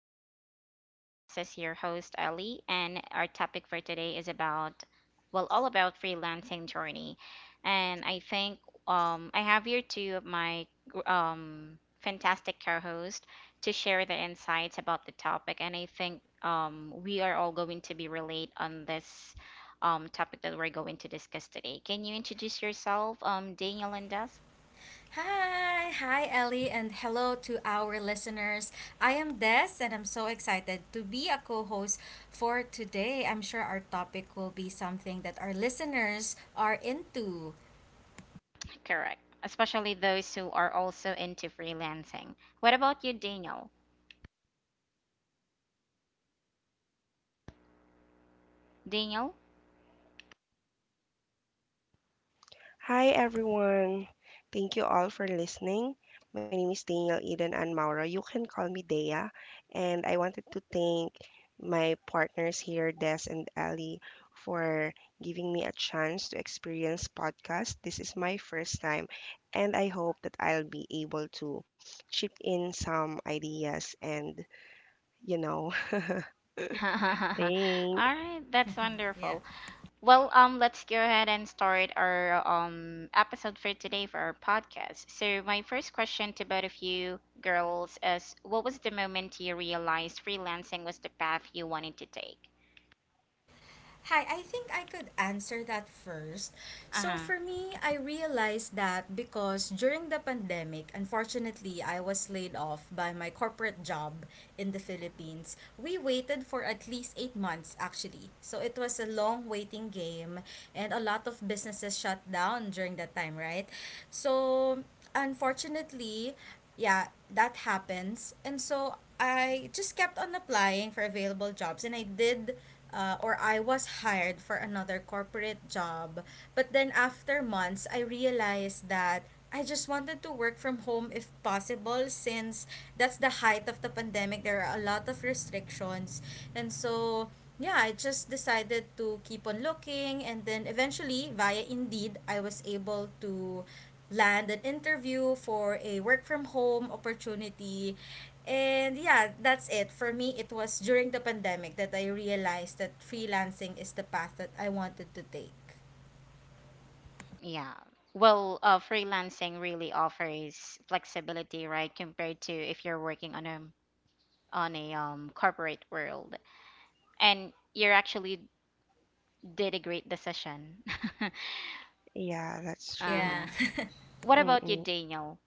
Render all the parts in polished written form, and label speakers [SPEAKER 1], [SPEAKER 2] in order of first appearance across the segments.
[SPEAKER 1] our podcast. This is your host, Ellie, and our topic for today is about all about freelancing journey. And I have here two of my fantastic co-hosts to share their insights about the topic. And I think we are all going to be relate on this topic that we're going to discuss today. Can you introduce yourself, Daniel and Des?
[SPEAKER 2] Hi, hi Ellie, and hello to our listeners. I am Des, and I'm so excited to be a co host for today. I'm sure our topic will be something that our listeners are into.
[SPEAKER 1] Correct. Especially those who are also into freelancing. What about you, Daniel? Daniel?
[SPEAKER 3] Hi everyone. Thank you all for listening. My name is Daniel Eden and Mauro. You can call me Dea. And I wanted to thank my partners here, Des and Ali, for giving me a chance to experience podcast. This is my first time and I hope that I'll be able to chip in some ideas and you know,
[SPEAKER 1] All
[SPEAKER 3] thanks.
[SPEAKER 1] right, that's
[SPEAKER 2] Yeah.
[SPEAKER 1] wonderful. Well, let's go ahead and start our episode for today for our podcast. So my first question to both of you girls is, what was the moment you realized freelancing was the path you wanted to take?
[SPEAKER 2] Hi, I think I could answer that first. So,
[SPEAKER 1] Uh-huh.
[SPEAKER 2] for me, I realized that because during the pandemic, unfortunately, I was laid off by my corporate job in the Philippines. We waited for at least 8 months, actually. So, it was a long waiting game, and a lot of businesses shut down during that time, right? So, unfortunately, yeah, that happens. And so I just kept on applying for available jobs, and I did or I was hired for another corporate job. But then after months, I realized that I just wanted to work from home if possible, since that's the height of the pandemic. There are a lot of restrictions. And so, yeah, I just decided to keep on looking, and then eventually via Indeed, I was able to land an interview for a work from home opportunity. And yeah, that's it. For me, it was during the pandemic that I realized that freelancing is the path that I wanted to take.
[SPEAKER 1] Yeah. Well, freelancing really offers flexibility, right, compared to if you're working on a corporate world and you're actually did a great decision.
[SPEAKER 3] Yeah, that's true.
[SPEAKER 1] Uh-huh.
[SPEAKER 2] Yeah.
[SPEAKER 1] What about you,
[SPEAKER 3] Mm-mm.
[SPEAKER 1] Daniel?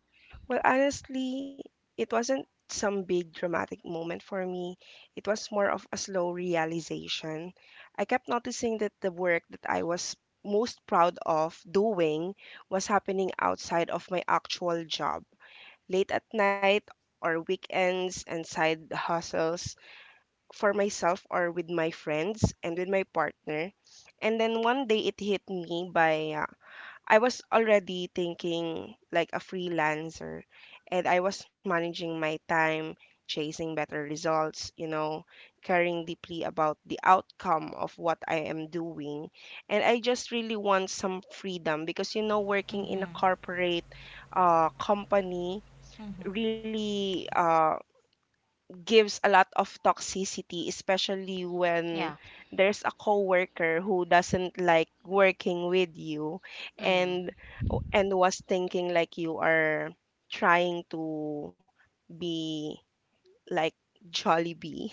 [SPEAKER 3] Well, honestly, it wasn't some big dramatic moment for me. It was more of a slow realization. I kept noticing that the work that I was most proud of doing was happening outside of my actual job, late at night or weekends and side hustles for myself or with my friends and with my partner. And then one day it hit me by I was already thinking like a freelancer, and I was managing my time, chasing better results, caring deeply about the outcome of what I am doing. And I just really want some freedom because, working in a
[SPEAKER 2] Mm-hmm.
[SPEAKER 3] corporate company really gives a lot of toxicity, especially when
[SPEAKER 1] Yeah.
[SPEAKER 3] there's a coworker who doesn't like working with you,
[SPEAKER 1] Mm.
[SPEAKER 3] and and was thinking like you are trying to be like Jollibee.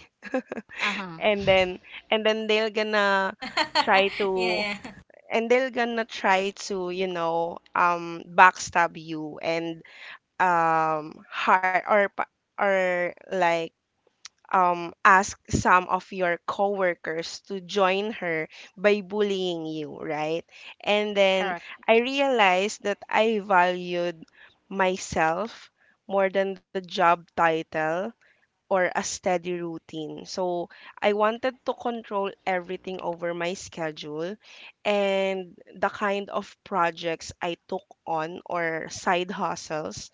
[SPEAKER 1] Uh-huh.
[SPEAKER 3] And then and then try to
[SPEAKER 2] Yeah, yeah.
[SPEAKER 3] they're gonna try to, backstab you and hard or or like ask some of your coworkers to join her by bullying you, right? And then
[SPEAKER 1] Correct.
[SPEAKER 3] I realized that I valued myself more than the job title or a steady routine. So I wanted to control everything over my schedule and the kind of projects I took on or side hustles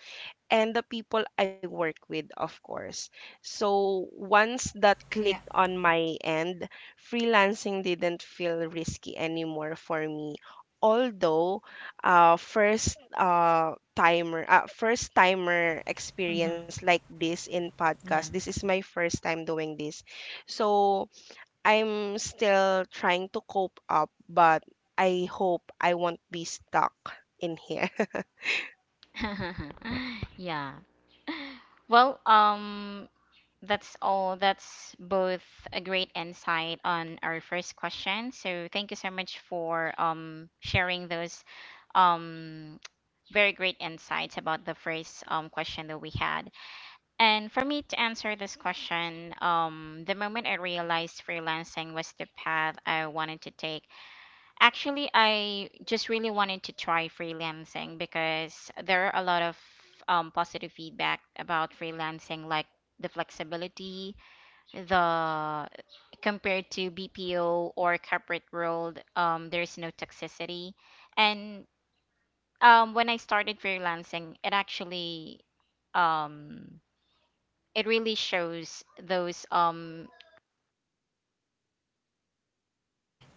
[SPEAKER 3] and the people I work with, of course. So once that
[SPEAKER 2] Yeah.
[SPEAKER 3] clicked on my end, freelancing didn't feel risky anymore for me. Although, first timer experience
[SPEAKER 2] Mm-hmm.
[SPEAKER 3] like this in podcast.
[SPEAKER 2] Yeah.
[SPEAKER 3] This is my first time doing this, so I'm still trying to cope up. But I hope I won't be stuck in here.
[SPEAKER 1] Yeah well um that's both a great insight on our first question, so thank you so much for sharing those um very great insights about the first question that we had. And for me to answer this question, the moment I realized freelancing was the path I wanted to take, actually, I just really wanted to try freelancing because there are a lot of positive feedback about freelancing, like the flexibility, the compared to BPO or corporate world, there's no toxicity. And when I started freelancing, um it really shows those um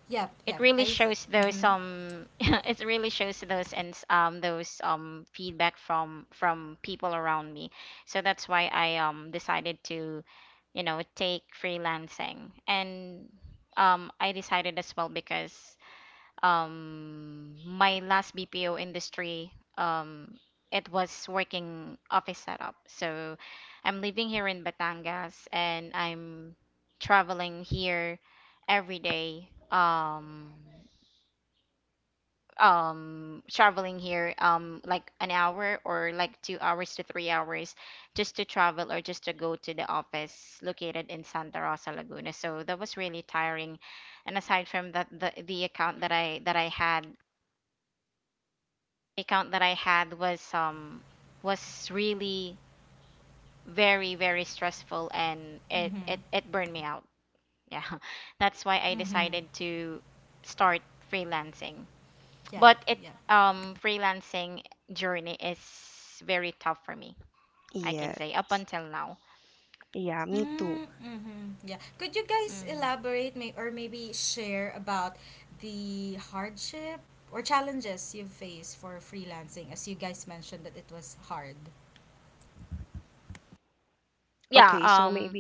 [SPEAKER 2] Yep,
[SPEAKER 1] it
[SPEAKER 2] yep.
[SPEAKER 1] really
[SPEAKER 2] I.
[SPEAKER 1] shows those
[SPEAKER 2] Mm-hmm.
[SPEAKER 1] it really shows those, and those feedback from people around me, so that's why I decided to, you know, take freelancing. And I decided as well because my last BPO industry, it was working office setup, so I'm living here in Batangas and I'm traveling here every day, traveling here like an hour or like 2 hours to 3 hours just to travel or just to go to the office located in Santa Rosa Laguna, so that was really tiring. And aside from that, the account that I had, account that I had was really very very stressful, and it
[SPEAKER 2] Mm-hmm.
[SPEAKER 1] it it burned me out. Yeah. That's why I
[SPEAKER 2] Mm-hmm.
[SPEAKER 1] decided to start freelancing.
[SPEAKER 2] Yep.
[SPEAKER 1] But it
[SPEAKER 2] Yeah.
[SPEAKER 1] Freelancing journey is very tough for me, I can say
[SPEAKER 3] Yes.
[SPEAKER 1] up until now.
[SPEAKER 3] Yeah, me too.
[SPEAKER 2] Mm, mm-hmm. Yeah. Could you guys
[SPEAKER 1] Mm.
[SPEAKER 2] elaborate, maybe share about the hardship or challenges you face for freelancing, as you guys mentioned that it was hard?
[SPEAKER 3] Okay,
[SPEAKER 1] Yeah,
[SPEAKER 3] so maybe
[SPEAKER 1] um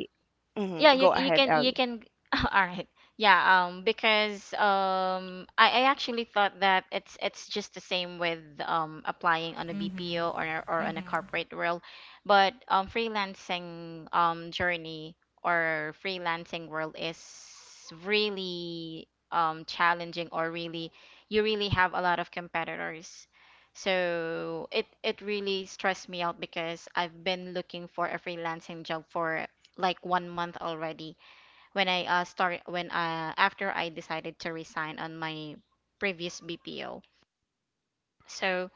[SPEAKER 1] yeah
[SPEAKER 3] go
[SPEAKER 1] you you
[SPEAKER 3] ahead,
[SPEAKER 1] can you
[SPEAKER 3] Ellie.
[SPEAKER 1] can All right. Yeah because I actually thought that it's just the same with applying on a BPO
[SPEAKER 2] Mm-hmm.
[SPEAKER 1] or on a
[SPEAKER 2] Mm-hmm.
[SPEAKER 1] corporate world, but freelancing journey or freelancing world is really challenging, or really, you really have a lot of competitors. So it really stressed me out because I've been looking for a freelancing job for like 1 month already when I start when after I decided to resign on my previous BPO. So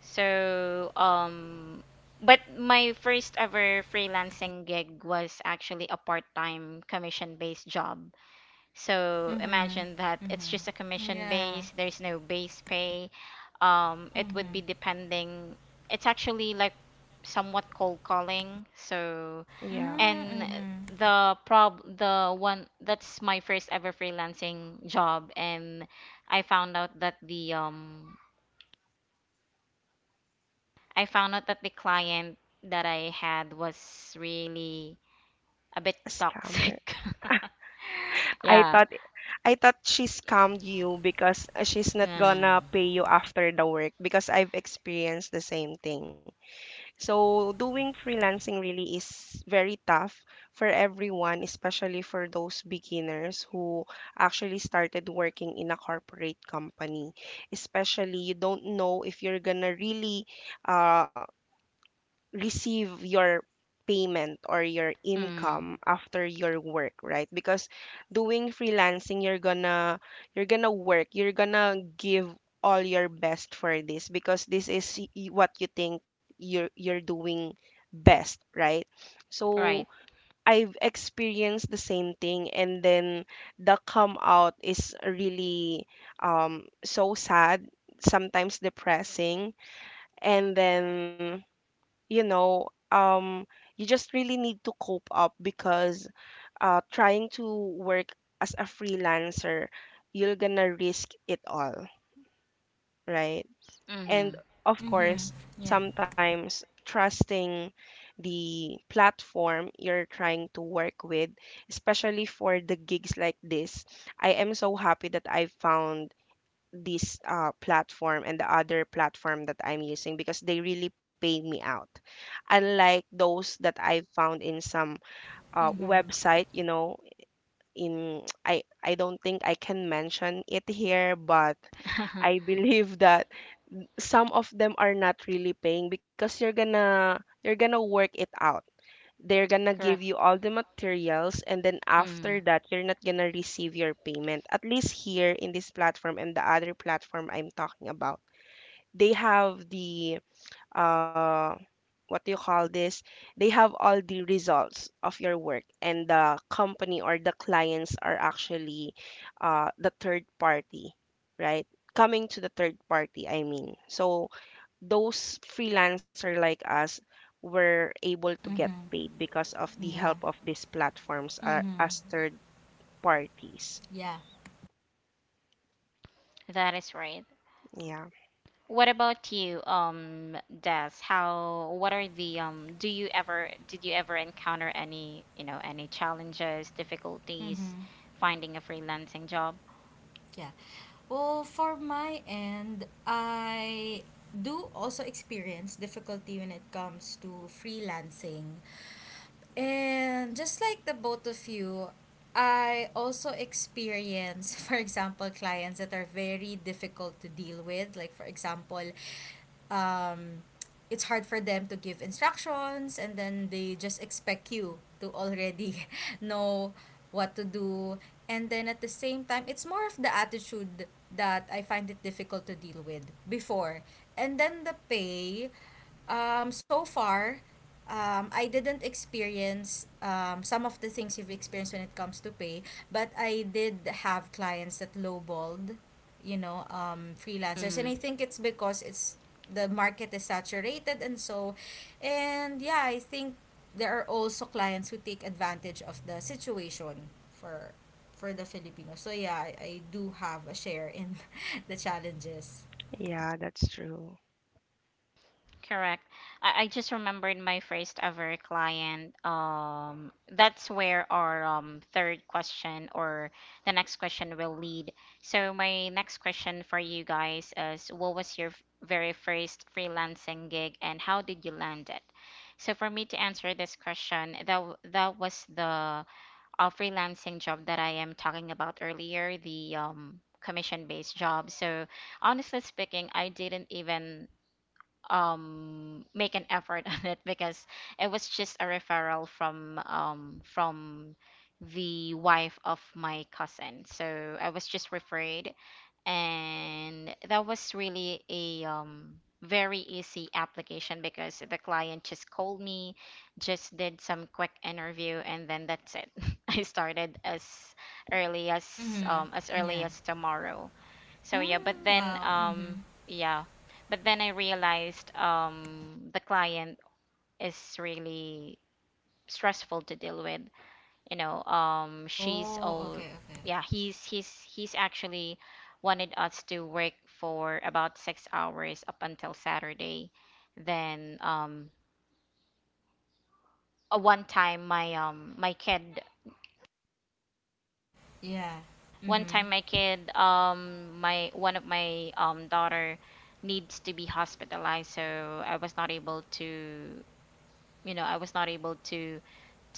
[SPEAKER 1] so um but my first ever freelancing gig was actually a part-time commission-based job. So
[SPEAKER 2] Mm-hmm.
[SPEAKER 1] imagine that it's just a
[SPEAKER 2] Mm-hmm.
[SPEAKER 1] commission
[SPEAKER 2] Yeah.
[SPEAKER 1] base, there's no base pay. It would
[SPEAKER 2] Mm-hmm.
[SPEAKER 1] be depending It's actually like somewhat cold calling. So
[SPEAKER 3] Yeah,
[SPEAKER 1] and
[SPEAKER 2] Mm-hmm.
[SPEAKER 1] the prob The one that's my first ever freelancing job, and I found out that the um I found out that the client that I had was really a bit
[SPEAKER 3] a scammer.
[SPEAKER 1] toxic.
[SPEAKER 3] I
[SPEAKER 1] Yeah.
[SPEAKER 3] thought I thought she scammed you because she's not
[SPEAKER 1] Yeah.
[SPEAKER 3] gonna pay you after the work because I've experienced the same thing. So doing freelancing really is very tough for everyone, especially for those beginners who actually started working in a corporate company. Especially you don't know if you're gonna really uh receive your payment or your
[SPEAKER 1] Mm.
[SPEAKER 3] income after your work, right? Because doing freelancing, you're gonna work, you're gonna give all your best for this because this is what you think you're doing best, right? So
[SPEAKER 1] Right.
[SPEAKER 3] I've experienced the same thing, and then the come out is really, so sad, sometimes depressing. And then you know um you just really need to cope up because trying to work as a freelancer, you're gonna risk it all, right?
[SPEAKER 1] Mm-hmm.
[SPEAKER 3] And of
[SPEAKER 2] Mm-hmm.
[SPEAKER 3] course,
[SPEAKER 2] Yeah.
[SPEAKER 3] sometimes trusting the platform you're trying to work with, especially for the gigs like this. I am so happy that I found this platform and the other platform that I'm using because they really pay me out. Unlike those that I found in some
[SPEAKER 2] Mm-hmm.
[SPEAKER 3] website, in I don't think I can mention it here, but I believe that some of them are not really paying because you're gonna work it out. They're gonna give
[SPEAKER 1] Correct.
[SPEAKER 3] you all the materials and then
[SPEAKER 1] Mm.
[SPEAKER 3] after that you're not gonna receive your payment. At least here in this platform and the other platform I'm talking about, they have the, uh what do you call this, they have all the results of your work, and the company or the clients are actually the third party, right? Coming to the third party, I mean. So those freelancer like us were able to get
[SPEAKER 2] Mm-hmm.
[SPEAKER 3] paid because of the
[SPEAKER 2] Yeah.
[SPEAKER 3] help of these platforms,
[SPEAKER 2] Mm-hmm.
[SPEAKER 3] as third parties.
[SPEAKER 2] Yeah.
[SPEAKER 1] That is right.
[SPEAKER 3] Yeah.
[SPEAKER 1] What about you, Des? What are the, do you ever, did you ever encounter any, you know, any challenges, difficulties
[SPEAKER 2] Mm-hmm.
[SPEAKER 1] finding a freelancing job?
[SPEAKER 2] Yeah. Well, for my end, I do also experience difficulty when it comes to freelancing. And just like the both of you, I also experience, for example, clients that are very difficult to deal with. Like, for example, um, it's hard for them to give instructions, and then they just expect you to already know what to do. And then at the same time, it's more of the attitude that I find it difficult to deal with before. And then the pay, so far, I didn't experience some of the things you've experienced when it comes to pay, but I did have clients that lowballed, you know, freelancers, and
[SPEAKER 1] Mm-hmm.
[SPEAKER 2] I think it's because it's — the market is saturated. And so, and yeah, I think there are also clients who take advantage of the situation for the filipinos. So yeah, I do have a share in the challenges.
[SPEAKER 3] Yeah, that's true.
[SPEAKER 1] Correct. I just remembered my first ever client. That's where our third question or the next question will lead. So, my next question for you guys is: what was your very first freelancing gig and how did you land it? So, for me to answer this question, that was the freelancing job that I am talking about earlier, the commission based job. So, honestly speaking, I didn't even make an effort on it because it was just a referral from the wife of my cousin. So I was just referred, and that was really a very easy application because the client just called me, just did some quick interview, and then that's it. I started early as
[SPEAKER 2] Mm-hmm.
[SPEAKER 1] as early
[SPEAKER 2] Yeah.
[SPEAKER 1] as tomorrow. So
[SPEAKER 2] Mm, wow. Mm-hmm.
[SPEAKER 1] yeah, but then I realized the client is really stressful to deal with. You know,
[SPEAKER 2] Oh, okay, okay.
[SPEAKER 1] he's actually wanted us to work for about 6 hours up until Saturday. Then uh, one time my um my kid,
[SPEAKER 2] Yeah.
[SPEAKER 1] one time
[SPEAKER 2] Mm-hmm.
[SPEAKER 1] my kid, my one of my daughter needs to be hospitalized, so I was not able to, you know, I was not able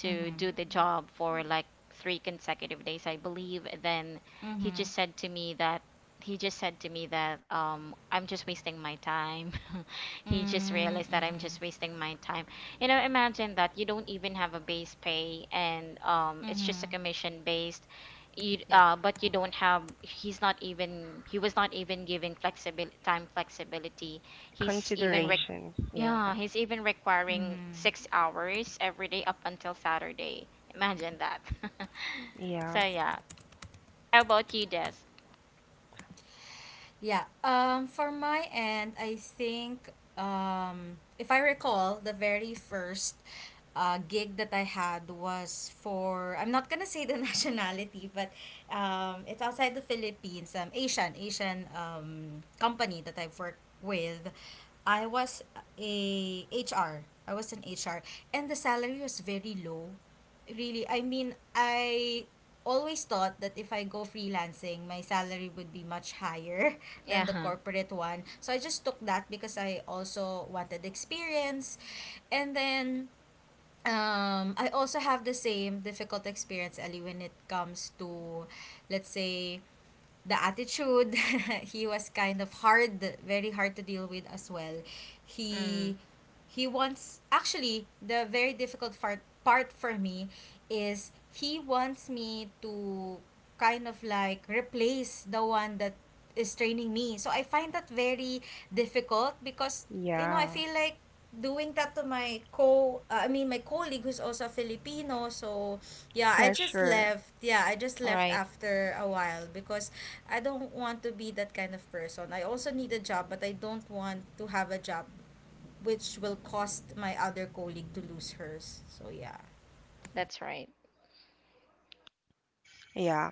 [SPEAKER 1] to
[SPEAKER 2] Mm-hmm.
[SPEAKER 1] do the job for like three consecutive days, I believe. Then he
[SPEAKER 2] Mm-hmm.
[SPEAKER 1] just said to me that he just said to me that I'm just wasting my time. He just
[SPEAKER 2] Mm-hmm.
[SPEAKER 1] realized that I'm
[SPEAKER 2] Mm-hmm.
[SPEAKER 1] just wasting my time. You know, imagine that you don't even have a base pay, and it's just a
[SPEAKER 2] Mm-hmm.
[SPEAKER 1] commission based. You
[SPEAKER 2] Yeah,
[SPEAKER 1] But you don't have, he's not even, he was not even giving flexible time flexibility. He's even
[SPEAKER 2] yeah.
[SPEAKER 1] rec
[SPEAKER 3] Considerations. Yeah,
[SPEAKER 1] Yeah, he's even requiring
[SPEAKER 2] Mm-hmm.
[SPEAKER 1] 6 hours every day up until Saturday. Imagine that. So
[SPEAKER 3] yeah,
[SPEAKER 1] yeah. How about you, Des?
[SPEAKER 2] Yeah. For my end, I think, if I recall, the very first gig that I had was for — I'm not gonna say the nationality, but it's outside the Philippines. Asian company that I've worked with. I was a H R. I was an HR, and the salary was very low. Really, I mean, I always thought that if I go freelancing, my salary would be much higher than the
[SPEAKER 1] Yeah.
[SPEAKER 2] corporate one. So I just took that because I also wanted experience. And then, I also have the same difficult experience, Ali, when it comes to, let's say, the attitude. He was kind of hard, very hard to deal with as well.
[SPEAKER 1] Mm.
[SPEAKER 2] He he wants — actually the very difficult part for me is he wants me to kind of like replace the one that is training me. So I find that very difficult, because I
[SPEAKER 3] yeah.
[SPEAKER 2] feel like doing that to my co I mean, my colleague, who's also filipino. So yeah,
[SPEAKER 3] Pressure.
[SPEAKER 2] I just left
[SPEAKER 1] Right.
[SPEAKER 2] after a while, because I don't want to be that kind of person. I also need a job, but I don't want to have a job which will cost my other colleague to lose hers. So yeah.
[SPEAKER 1] That's right.
[SPEAKER 3] Yeah.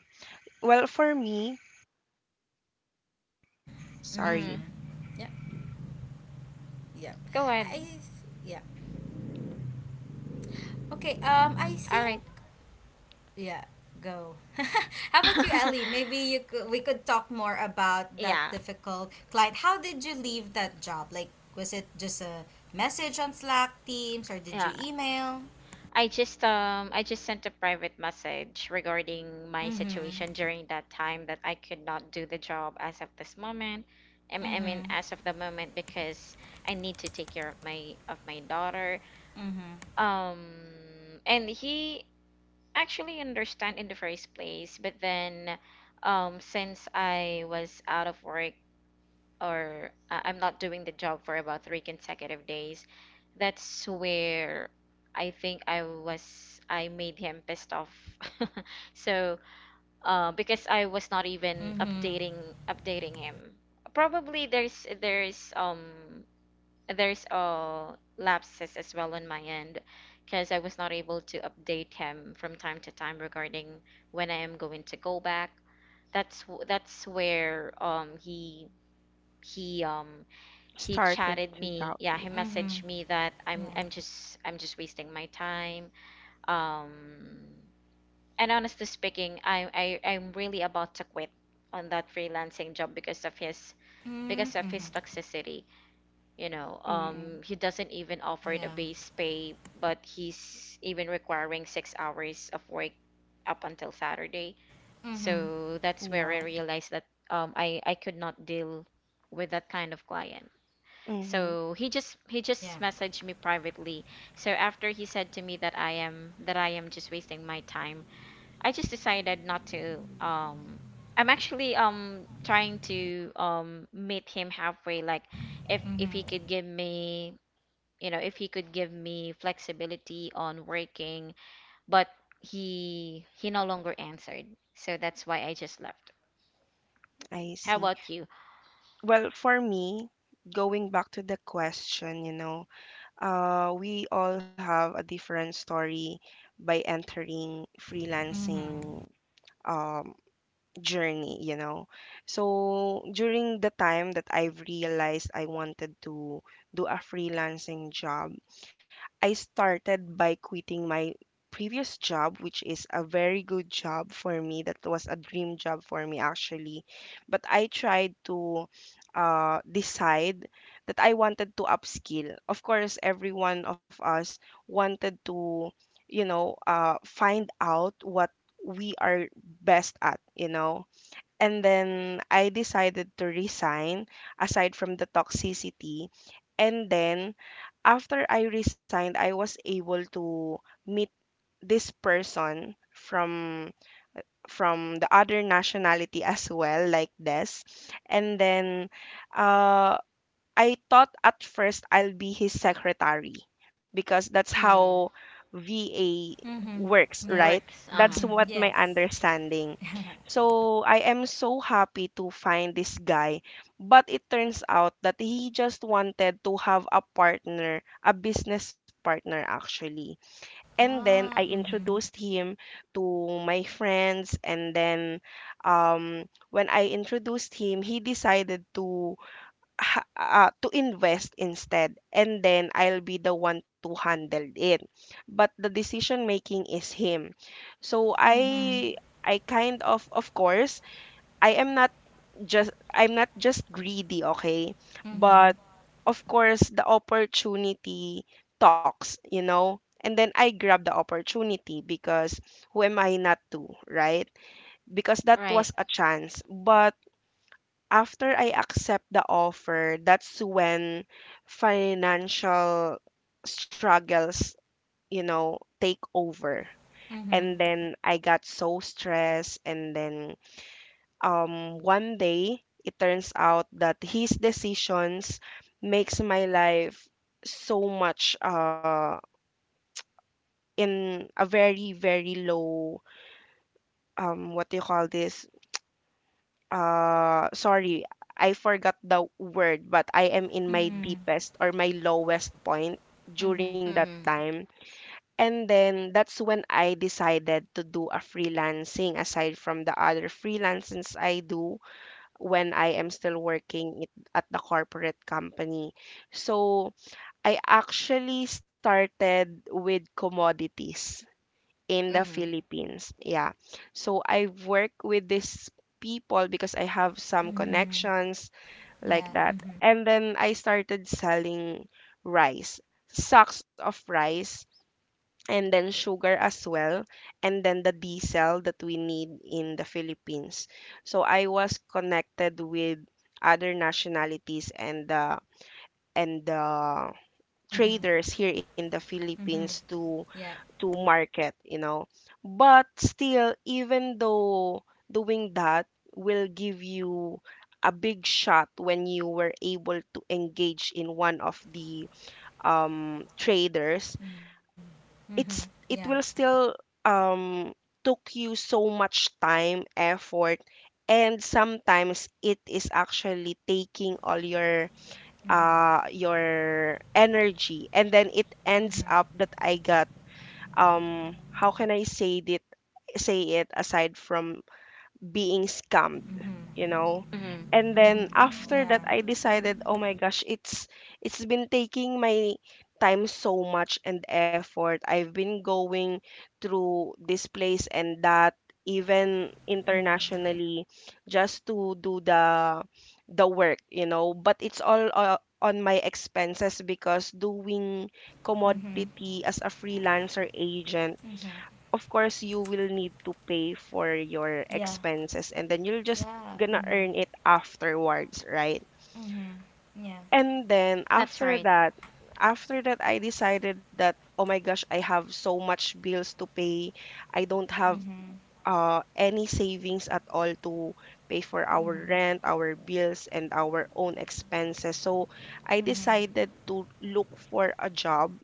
[SPEAKER 3] Well, for me,
[SPEAKER 2] Mhm.
[SPEAKER 3] sorry.
[SPEAKER 1] Mm.
[SPEAKER 2] Yeah. Yeah.
[SPEAKER 1] Go ahead.
[SPEAKER 2] I yeah. Okay. I
[SPEAKER 1] All
[SPEAKER 2] think,
[SPEAKER 1] right.
[SPEAKER 2] yeah, go. How about you, Ellie? Maybe you could we could talk more about that
[SPEAKER 1] Yeah.
[SPEAKER 2] difficult client. How did you leave that job? Like, was it just a message on Slack Teams, or did
[SPEAKER 1] Yeah.
[SPEAKER 2] you email?
[SPEAKER 1] I just sent a private message regarding my
[SPEAKER 2] Mhm.
[SPEAKER 1] situation during that time that I could not do the job as of this moment. I mean
[SPEAKER 2] Mhm.
[SPEAKER 1] as of the moment because I need to take care of my daughter,
[SPEAKER 2] Mhm.
[SPEAKER 1] um and he actually understand in the first place, but then since I was out of work, or I'm not doing the job for about three consecutive days. That's where I think I was, I made him pissed off. So, because I was not even
[SPEAKER 2] Mhm.
[SPEAKER 1] updating him. Probably there's, lapses as well on my end, because I was not able to update him from time to time regarding when I am going to go back. That's where he um he
[SPEAKER 3] Started
[SPEAKER 1] chatted
[SPEAKER 3] to
[SPEAKER 1] me.
[SPEAKER 3] doubt
[SPEAKER 1] Yeah,
[SPEAKER 3] you.
[SPEAKER 1] he messaged
[SPEAKER 2] Mhm.
[SPEAKER 1] me that I'm
[SPEAKER 2] Yeah.
[SPEAKER 1] I'm just I'm just wasting my time. Um and honestly speaking, I'm really about to quit on that freelancing job because of
[SPEAKER 2] Mhm. Mhm.
[SPEAKER 1] his toxicity. You know,
[SPEAKER 3] Mm.
[SPEAKER 1] he doesn't even offer the
[SPEAKER 2] Yeah.
[SPEAKER 1] base pay, but he's even requiring 6 hours of work up until Saturday.
[SPEAKER 2] Mhm.
[SPEAKER 1] So that's where I
[SPEAKER 3] Yeah.
[SPEAKER 1] realized that I could not deal with that kind of client.
[SPEAKER 3] hmm
[SPEAKER 1] So he just, he just
[SPEAKER 2] Yeah.
[SPEAKER 1] messaged me privately. So after he said to me that I am just wasting my time, I just decided not to, I'm actually trying to meet him halfway, like if
[SPEAKER 2] Mm-hmm.
[SPEAKER 1] he could give me, you know, if he could give me flexibility on working, but he no longer answered, so that's why I just left.
[SPEAKER 3] I
[SPEAKER 1] How
[SPEAKER 3] see.
[SPEAKER 1] about you?
[SPEAKER 3] Well, for me, going back to the question, we all have a different story by entering
[SPEAKER 2] Mm-hmm.
[SPEAKER 3] freelancing um journey. So during the time that I've realized I wanted to do a freelancing job, I started by quitting my previous job, which is a very good job for me. That was a dream job for me, actually. But I tried to decide that I wanted to upskill. Of course, every one of us wanted to, find out what we are best at. And then I decided to resign, aside from the toxicity. And then after I resigned, I was able to meet this person from the other nationality as well, like this. And then uh I thought at first I'll be his secretary because that's how
[SPEAKER 1] Mm,
[SPEAKER 3] VA
[SPEAKER 2] Mm-hmm.
[SPEAKER 3] works, right?
[SPEAKER 2] Yeah.
[SPEAKER 1] works.
[SPEAKER 3] That's
[SPEAKER 1] Uh-huh.
[SPEAKER 2] Mm-hmm.
[SPEAKER 3] what my
[SPEAKER 2] Yes.
[SPEAKER 3] understanding.
[SPEAKER 2] Ah.
[SPEAKER 3] So I am so happy to find this guy, but it turns out that he just wanted to have a partner, a business partner, actually. And then I introduced
[SPEAKER 2] Mm-hmm.
[SPEAKER 3] him to my friends, and then when I introduced him, he decided to to invest instead, and then I'll be the one to handle it, but the decision making is him. So
[SPEAKER 2] Mm-hmm.
[SPEAKER 3] I kind of course, I am not I'm not just greedy, okay? But of course, the opportunity talks, and then I grab the opportunity because who am I not to, right? Because that
[SPEAKER 1] Right.
[SPEAKER 3] was a chance. But after I accept the offer, that's when financial struggles, take over. And
[SPEAKER 2] Mm-hmm.
[SPEAKER 3] then I got so stressed. And then, one day, it turns out that his decisions makes my life so much, in a very, very low, what do you call this? Sorry, I forgot the word, but I am in my
[SPEAKER 2] Mm-hmm.
[SPEAKER 3] deepest or my lowest point during
[SPEAKER 2] Mm-hmm.
[SPEAKER 3] that
[SPEAKER 1] Mm-hmm.
[SPEAKER 3] time. And then that's when I decided to do a freelancing, aside from the other freelancings I do when I am still working it, at the corporate company. So I actually started with commodities in the
[SPEAKER 1] Mm-hmm.
[SPEAKER 3] Philippines. Yeah. So I work with these people because I have some
[SPEAKER 2] Mm-hmm.
[SPEAKER 3] connections
[SPEAKER 2] Yeah.
[SPEAKER 3] like
[SPEAKER 2] Mm-hmm.
[SPEAKER 3] that. And then I started selling rice, sacks of rice, and then sugar as well, and then the diesel that we need in the Philippines. So I was connected with other nationalities and the
[SPEAKER 2] Mm-hmm.
[SPEAKER 3] traders here in the
[SPEAKER 2] Mm-hmm.
[SPEAKER 3] Philippines to
[SPEAKER 2] Yeah.
[SPEAKER 3] market, But still, even though doing that will give you a big shot when you were able to engage in one of the, traders,
[SPEAKER 2] Mm-hmm. Mm-hmm. Yeah.
[SPEAKER 3] it will still, um, took you so much time, effort, and sometimes it is actually taking all your energy, and then it
[SPEAKER 2] Mm-hmm.
[SPEAKER 3] ends up that I got, how can I say it aside from being scammed, you
[SPEAKER 2] Mm-hmm.
[SPEAKER 3] know?
[SPEAKER 1] Mm-hmm.
[SPEAKER 3] And then
[SPEAKER 2] Mm-hmm. Yeah.
[SPEAKER 3] after that I decided, oh my gosh, it's been taking my time so much and effort. I've been going through this place and that, even internationally, just to do the work, but it's all, on my expenses because doing
[SPEAKER 2] Mm-hmm.
[SPEAKER 3] commodity as a freelancer agent, of course you will need to pay for your
[SPEAKER 2] Yeah.
[SPEAKER 3] expenses and then you're just
[SPEAKER 2] Yeah. Mm-hmm.
[SPEAKER 3] gonna earn it afterwards, right?
[SPEAKER 2] Mm-hmm. Yeah.
[SPEAKER 3] And then
[SPEAKER 1] That's
[SPEAKER 3] after
[SPEAKER 1] right.
[SPEAKER 3] that after that I decided that, oh my gosh, I have so much bills to pay. I don't have,
[SPEAKER 2] Mm-hmm.
[SPEAKER 3] any savings at all to pay for
[SPEAKER 2] Mm-hmm.
[SPEAKER 3] our rent, our bills, and our own expenses. So I
[SPEAKER 2] Mm-hmm. Mm-hmm.
[SPEAKER 3] decided to look for a job,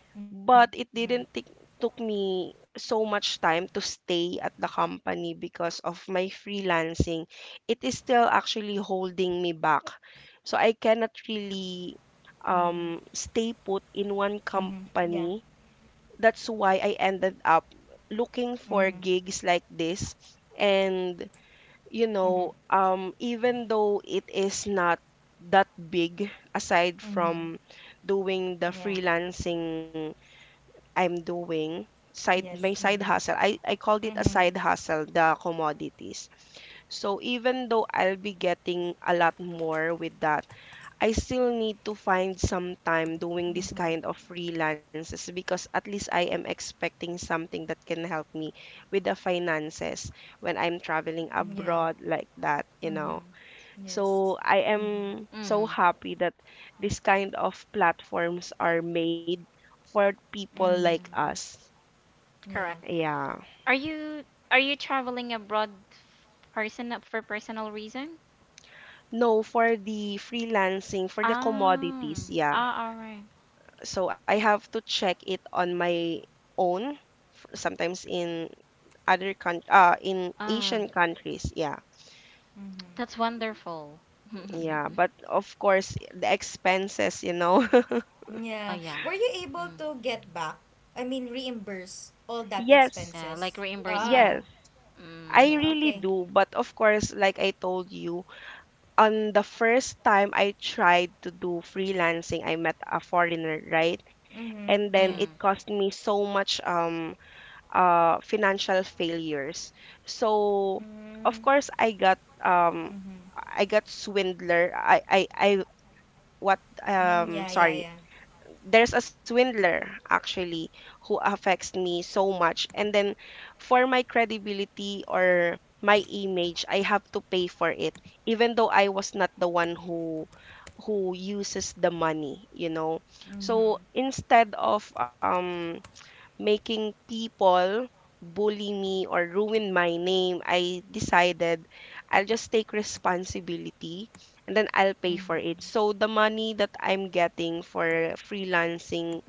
[SPEAKER 2] Mm-hmm.
[SPEAKER 3] but it didn't take took me so much time to stay at the company because of my freelancing. It is still actually
[SPEAKER 2] Mm-hmm.
[SPEAKER 3] holding me back. So I cannot
[SPEAKER 2] Mm-hmm. Yeah.
[SPEAKER 3] really, stay put in one company.
[SPEAKER 2] Mm-hmm.
[SPEAKER 3] That's why I ended up looking for gigs like this.
[SPEAKER 2] Mm-hmm.
[SPEAKER 3] And, even though it is not that big, aside
[SPEAKER 2] Mm-hmm.
[SPEAKER 3] from doing the
[SPEAKER 2] Yeah.
[SPEAKER 3] freelancing I'm doing, side my
[SPEAKER 2] Yes.
[SPEAKER 3] side
[SPEAKER 2] Mhm.
[SPEAKER 3] hustle, I called it a
[SPEAKER 2] Mhm.
[SPEAKER 3] side hustle, the commodities, so even though I'll be getting a lot more with that, I still need to find some time doing this kind of freelances because at least I am expecting something that can help me with the finances when I'm traveling
[SPEAKER 2] Yeah.
[SPEAKER 3] abroad like that you
[SPEAKER 2] Mhm.
[SPEAKER 3] know
[SPEAKER 2] Yes.
[SPEAKER 3] So I
[SPEAKER 2] Mhm.
[SPEAKER 3] am so
[SPEAKER 1] Mm-hmm.
[SPEAKER 3] happy that this kind of platforms are made for people
[SPEAKER 2] Mhm.
[SPEAKER 3] like us.
[SPEAKER 2] Yeah.
[SPEAKER 1] Correct.
[SPEAKER 3] Yeah.
[SPEAKER 1] Are you, are you traveling abroad person for personal reason?
[SPEAKER 3] No, for the freelancing, for the commodities, yeah.
[SPEAKER 1] Ah, all right.
[SPEAKER 3] So I have to check it on my own, sometimes in other coun. In
[SPEAKER 1] Um,
[SPEAKER 3] Asian countries, yeah.
[SPEAKER 2] Mhm.
[SPEAKER 1] that's wonderful.
[SPEAKER 3] Yeah, but of course, the expenses.
[SPEAKER 2] Yeah.
[SPEAKER 1] Oh
[SPEAKER 2] Were
[SPEAKER 1] yeah.
[SPEAKER 2] you able
[SPEAKER 1] Mm,
[SPEAKER 2] to get back? I mean, reimburse all that
[SPEAKER 3] Yes,
[SPEAKER 1] yeah,
[SPEAKER 2] expenses?
[SPEAKER 1] like
[SPEAKER 2] Ah.
[SPEAKER 1] reimbursement.
[SPEAKER 3] yes,
[SPEAKER 1] Mm,
[SPEAKER 3] I
[SPEAKER 2] Yeah.
[SPEAKER 3] really
[SPEAKER 2] Okay.
[SPEAKER 3] do. But of course, like I told you, on the first time I tried to do freelancing, I met a foreigner, right?
[SPEAKER 2] Mhm.
[SPEAKER 3] And then
[SPEAKER 2] Yeah.
[SPEAKER 3] it
[SPEAKER 1] mm,
[SPEAKER 3] cost me so much, financial failures. So,
[SPEAKER 2] Mhm.
[SPEAKER 3] of course, I got,
[SPEAKER 2] Mhm.
[SPEAKER 3] I got swindler. I what
[SPEAKER 2] Mm, yeah. Yeah. Yeah.
[SPEAKER 3] Sorry. There's a swindler actually who affects me so much, and then for my credibility or my image, I have to pay for it, even though I was not the one who uses the money,
[SPEAKER 2] Mhm.
[SPEAKER 3] So instead of, making people bully me or ruin my name, I decided I'll just take responsibility and then I'll pay for it.
[SPEAKER 2] Mhm.
[SPEAKER 3] So the money that I'm getting for freelancing,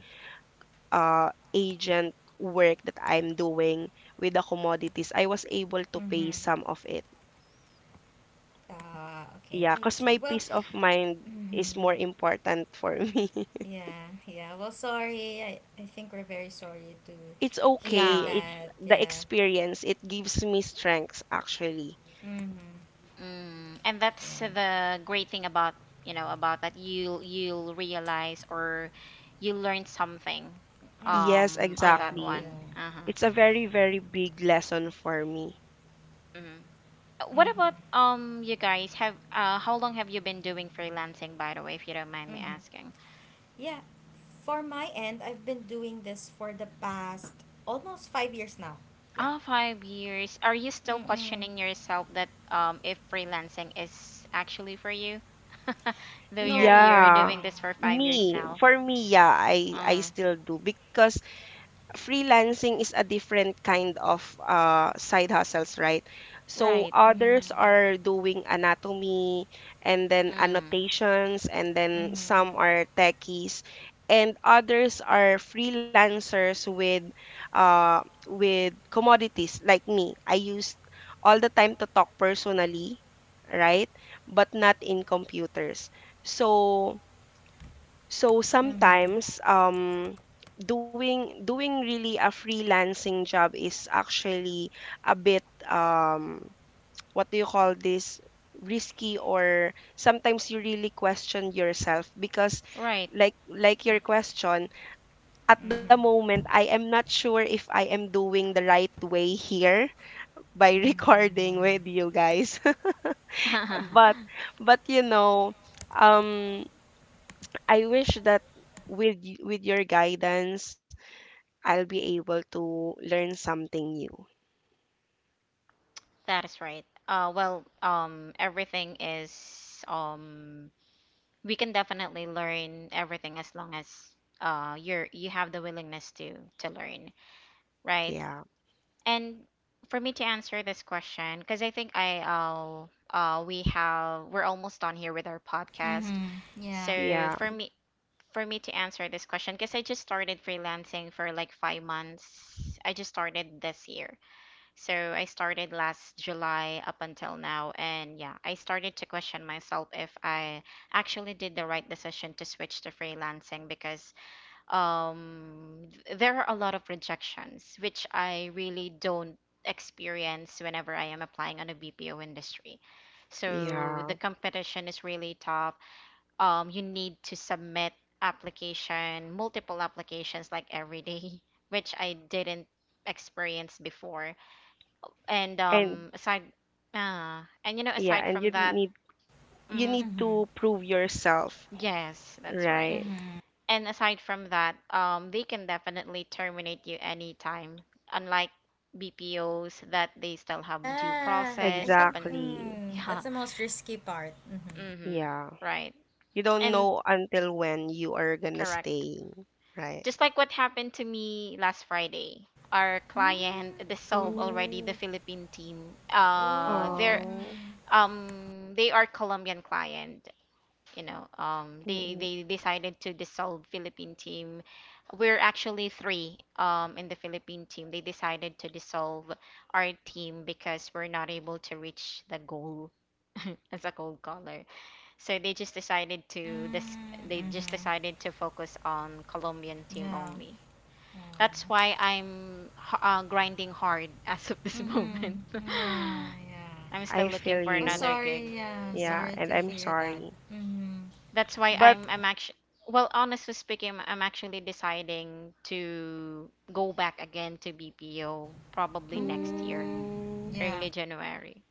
[SPEAKER 3] agent work that I'm doing with the commodities, I was able to
[SPEAKER 2] Mhm.
[SPEAKER 3] pay some of it.
[SPEAKER 2] Ah. Okay.
[SPEAKER 3] Yeah,
[SPEAKER 2] I
[SPEAKER 3] because
[SPEAKER 2] see.
[SPEAKER 3] my
[SPEAKER 2] Well.
[SPEAKER 3] peace of mind
[SPEAKER 2] Mhm.
[SPEAKER 3] is more important for me.
[SPEAKER 2] Yeah, yeah. Well, sorry. I think we're very sorry to
[SPEAKER 3] It's okay.
[SPEAKER 2] hear
[SPEAKER 1] yeah.
[SPEAKER 3] It's
[SPEAKER 2] that.
[SPEAKER 3] the
[SPEAKER 2] Yeah.
[SPEAKER 3] experience. It gives me strengths, actually.
[SPEAKER 2] Mm-hmm.
[SPEAKER 1] Mm. And
[SPEAKER 2] Yeah.
[SPEAKER 1] that's the great thing about, you know, about that you'll realize or you learn something
[SPEAKER 2] Mm-hmm.
[SPEAKER 3] Yes,
[SPEAKER 1] on
[SPEAKER 2] Yeah,
[SPEAKER 1] that
[SPEAKER 2] yeah.
[SPEAKER 3] exactly.
[SPEAKER 1] one. Uh-huh.
[SPEAKER 3] It's a very, very big lesson for me.
[SPEAKER 1] Mm. What
[SPEAKER 2] Mm-hmm.
[SPEAKER 1] about you guys have, how long have you been doing freelancing, by the way, if you don't mind me
[SPEAKER 2] Mm-hmm.
[SPEAKER 1] asking?
[SPEAKER 2] Yeah. For my end, I've been doing this for the past almost 5 years now. Yeah.
[SPEAKER 1] Ah, 5 years. Are you still
[SPEAKER 2] Mm-mm.
[SPEAKER 1] questioning yourself that if freelancing is actually for you? Though you're
[SPEAKER 2] No,
[SPEAKER 1] you're
[SPEAKER 3] Yeah.
[SPEAKER 1] doing
[SPEAKER 2] no.
[SPEAKER 1] this for five years
[SPEAKER 3] Me,
[SPEAKER 1] now.
[SPEAKER 3] for me, yeah, I
[SPEAKER 1] Uh,
[SPEAKER 3] still do because freelancing is a different kind of, side hustles, right? So
[SPEAKER 1] right.
[SPEAKER 2] Mm.
[SPEAKER 3] others are doing anatomy and then
[SPEAKER 1] Mm,
[SPEAKER 3] annotations, and then
[SPEAKER 2] Mm-hmm.
[SPEAKER 3] some are techies, and others are freelancers with, uh, with commodities like me. I used all the time to talk personally, right? But not in computers. So so
[SPEAKER 2] Mm-hmm.
[SPEAKER 3] sometimes, doing really a freelancing job is actually a bit, what do you call this, risky, or sometimes you really question yourself because
[SPEAKER 1] right.
[SPEAKER 3] like your question. At the
[SPEAKER 2] Mm-hmm.
[SPEAKER 3] moment I am not sure if I am doing the right way here by
[SPEAKER 2] Mm-hmm.
[SPEAKER 3] recording with you guys but but um I wish that with your guidance I'll be able to learn something new.
[SPEAKER 1] That is right. Well, everything is we can definitely learn everything as long as you're, you have the willingness to learn, right?
[SPEAKER 3] Yeah.
[SPEAKER 1] And for me to answer this question, because I think I we have, we're almost done here with our podcast.
[SPEAKER 2] Mm-hmm. Yeah.
[SPEAKER 1] So
[SPEAKER 3] Yeah.
[SPEAKER 1] for me for me to answer this question, because I just started freelancing for like 5 months. I just started this year. So I started last July up until now. And yeah, I started to question myself if I actually did the right decision to switch to freelancing because there are a lot of rejections, which I really don't experience whenever I am applying on a BPO industry. So the
[SPEAKER 3] Yeah.
[SPEAKER 1] competition is really tough. You need to submit application, multiple applications like every day, which I didn't experience before. And
[SPEAKER 3] And
[SPEAKER 1] aside, and you know,
[SPEAKER 3] yeah,
[SPEAKER 1] aside
[SPEAKER 3] and you
[SPEAKER 1] from that,
[SPEAKER 3] need you
[SPEAKER 1] mhm,
[SPEAKER 3] need
[SPEAKER 2] Mm-hmm.
[SPEAKER 3] to prove yourself,
[SPEAKER 1] yes, that's right.
[SPEAKER 3] right?
[SPEAKER 2] Mm-hmm.
[SPEAKER 1] And aside from that, they can definitely terminate you anytime, unlike BPOs that they still have due
[SPEAKER 2] Yeah, I
[SPEAKER 1] process up
[SPEAKER 2] think
[SPEAKER 1] and
[SPEAKER 3] Exactly.
[SPEAKER 1] yeah,
[SPEAKER 2] that's the most risky part. Mm-hmm.
[SPEAKER 1] mm-hmm,
[SPEAKER 3] Yeah.
[SPEAKER 1] right.
[SPEAKER 3] You don't
[SPEAKER 1] And
[SPEAKER 3] know until when you are gonna
[SPEAKER 1] correct.
[SPEAKER 3] stay, right?
[SPEAKER 1] Just like what happened to me last Friday, our
[SPEAKER 2] Mm,
[SPEAKER 1] client dissolved
[SPEAKER 2] mm-hmm.
[SPEAKER 1] already
[SPEAKER 3] Mm,
[SPEAKER 1] the Philippine team.
[SPEAKER 2] Oh,
[SPEAKER 3] oh,
[SPEAKER 2] mm-hmm.
[SPEAKER 1] They are Colombian client. You know, um they
[SPEAKER 3] mm,
[SPEAKER 1] they decided to dissolve Philippine team. We're actually three in the Philippine team. They decided to dissolve our team because we're not able to reach the goal as a gold color. So
[SPEAKER 2] Mm,
[SPEAKER 1] they just
[SPEAKER 2] mm-hmm.
[SPEAKER 1] decided to focus on Colombian team
[SPEAKER 2] Yeah.
[SPEAKER 1] only. That's why I'm grinding hard as of this moment.
[SPEAKER 2] Mm-hmm. Yeah, yeah.
[SPEAKER 1] I'm
[SPEAKER 3] I
[SPEAKER 1] still looking
[SPEAKER 3] feel
[SPEAKER 1] for
[SPEAKER 2] Oh,
[SPEAKER 1] another
[SPEAKER 3] you.
[SPEAKER 1] gig.
[SPEAKER 2] sorry. Yeah,
[SPEAKER 3] Yeah,
[SPEAKER 1] Yeah
[SPEAKER 2] sorry
[SPEAKER 3] and
[SPEAKER 2] to
[SPEAKER 3] I'm
[SPEAKER 2] hear that.
[SPEAKER 3] sorry.
[SPEAKER 2] Mm-hmm.
[SPEAKER 1] that's why
[SPEAKER 3] But
[SPEAKER 1] I'm actually Well, honestly speaking, I'm actually deciding to go back again to BPO probably next year,
[SPEAKER 2] Mm,
[SPEAKER 3] mm,
[SPEAKER 2] yeah,
[SPEAKER 1] early January.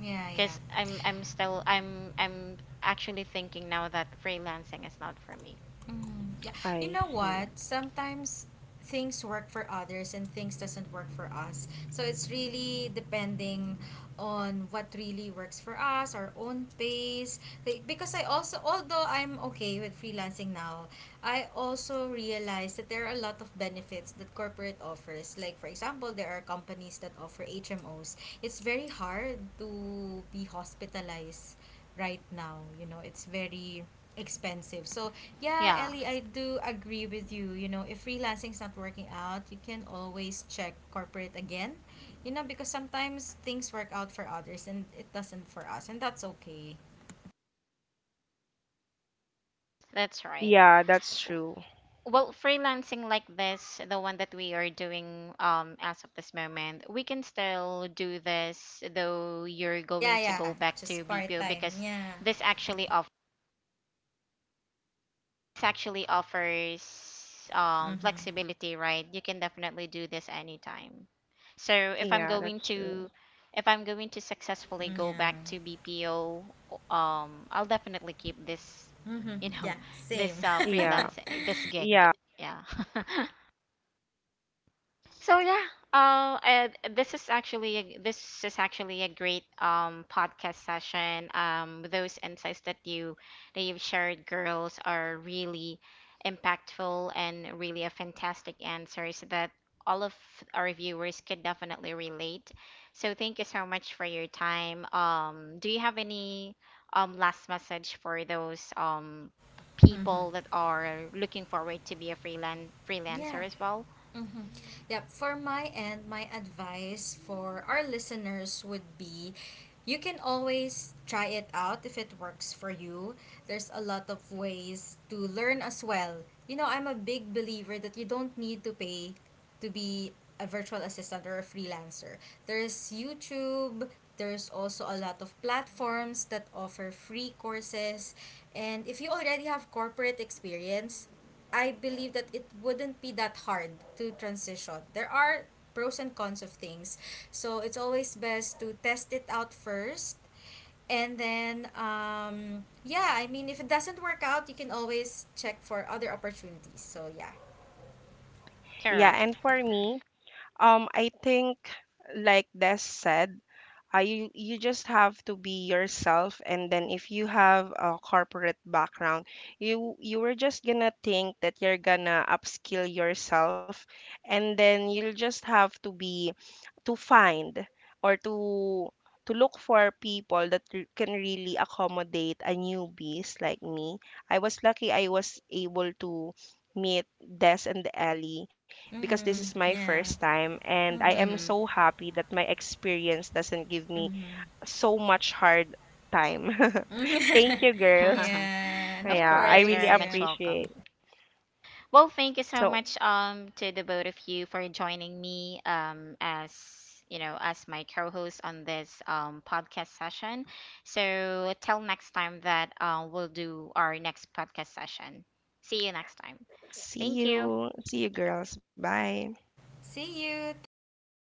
[SPEAKER 2] yeah,
[SPEAKER 1] Because
[SPEAKER 2] yeah.
[SPEAKER 1] I'm I'm actually thinking now that freelancing is not for me.
[SPEAKER 2] Mm, yeah. You
[SPEAKER 3] I
[SPEAKER 2] know
[SPEAKER 3] see.
[SPEAKER 2] what? Sometimes things work for others and things doesn't work for us. So it's really depending on what really works for us, our own pace. Like, because I also — although I'm okay with freelancing now, I also realize that there are a lot of benefits that corporate offers. Like for example, there are companies that offer HMOs. It's very hard to be hospitalized right now. It's very expensive. So yeah,
[SPEAKER 1] Yeah,
[SPEAKER 2] Ellie, I do agree with you. If freelancing's not working out, you can always check corporate again. Because sometimes things work out for others and it doesn't for us, and that's okay.
[SPEAKER 1] that's right.
[SPEAKER 3] Yeah, that's true.
[SPEAKER 1] Well, freelancing like this, the one that we are doing as of this moment, we can still do this, though you're
[SPEAKER 2] Yeah,
[SPEAKER 1] going to
[SPEAKER 2] yeah,
[SPEAKER 1] go back
[SPEAKER 2] just
[SPEAKER 1] to
[SPEAKER 2] part
[SPEAKER 1] BPO,
[SPEAKER 2] time.
[SPEAKER 1] because
[SPEAKER 2] Yeah.
[SPEAKER 1] this actually offers
[SPEAKER 2] Mhm.
[SPEAKER 1] flexibility, right? You can definitely do this anytime. So if I'm
[SPEAKER 3] Yeah,
[SPEAKER 1] going
[SPEAKER 3] that's
[SPEAKER 1] to,
[SPEAKER 3] true.
[SPEAKER 1] if I'm going to successfully go
[SPEAKER 2] Yeah.
[SPEAKER 1] back to BPO, I'll definitely keep this,
[SPEAKER 2] Mhm.
[SPEAKER 1] you
[SPEAKER 2] Yeah.
[SPEAKER 1] know,
[SPEAKER 2] Same.
[SPEAKER 1] this
[SPEAKER 3] Yeah.
[SPEAKER 1] freelance this gig.
[SPEAKER 3] Yeah.
[SPEAKER 1] Yeah. So yeah, this is actually a, this is actually a great podcast session. Those insights that you, that you've shared, girls, are really impactful and really a fantastic answers that all of our viewers could definitely relate. So thank you so much for your time. Do you have any last message for those people that are looking forward to be a
[SPEAKER 2] Yeah.
[SPEAKER 1] freelancer as well?
[SPEAKER 2] Mm-hmm. Yep. For my end, my advice for our listeners would be you can always try it out if it works for you. There's a lot of ways to learn as well. I'm a big believer that you don't need to pay to be a virtual assistant or a freelancer. There's YouTube, there's also a lot of platforms that offer free courses. And if you already have corporate experience, I believe that it wouldn't be that hard to transition. There are pros and cons of things. So it's always best to test it out first. And then, yeah, I mean, if it doesn't work out, you can always check for other opportunities. So, yeah.
[SPEAKER 3] Yeah,
[SPEAKER 1] Correct.
[SPEAKER 3] and for me, I think like Des said, you just have to be yourself, and then if you have a corporate background, you were just gonna think that you're gonna upskill yourself, and then you'll just have to find or to look for people that can really accommodate a newbies like me. I was lucky I was able to meet Des and Ellie because this is
[SPEAKER 2] Mm-hmm.
[SPEAKER 3] my first
[SPEAKER 2] Yeah.
[SPEAKER 3] time and I am
[SPEAKER 1] Mm-hmm.
[SPEAKER 3] so happy that my experience doesn't give me so much hard time. Thank you girls.
[SPEAKER 2] Yeah.
[SPEAKER 1] Of
[SPEAKER 3] Yeah,
[SPEAKER 2] No
[SPEAKER 3] I
[SPEAKER 1] course,
[SPEAKER 3] really
[SPEAKER 2] worries.
[SPEAKER 1] very
[SPEAKER 2] Yeah.
[SPEAKER 1] much welcome.
[SPEAKER 3] appreciate.
[SPEAKER 1] Well, thank you so
[SPEAKER 3] So,
[SPEAKER 1] much to the both of you for joining me as you know as my co-host on this podcast session. So till next time that, we'll do our next podcast session. See you next time.
[SPEAKER 3] see
[SPEAKER 1] Thank you.
[SPEAKER 3] you. See you girls. Bye.
[SPEAKER 2] See you. Thank you.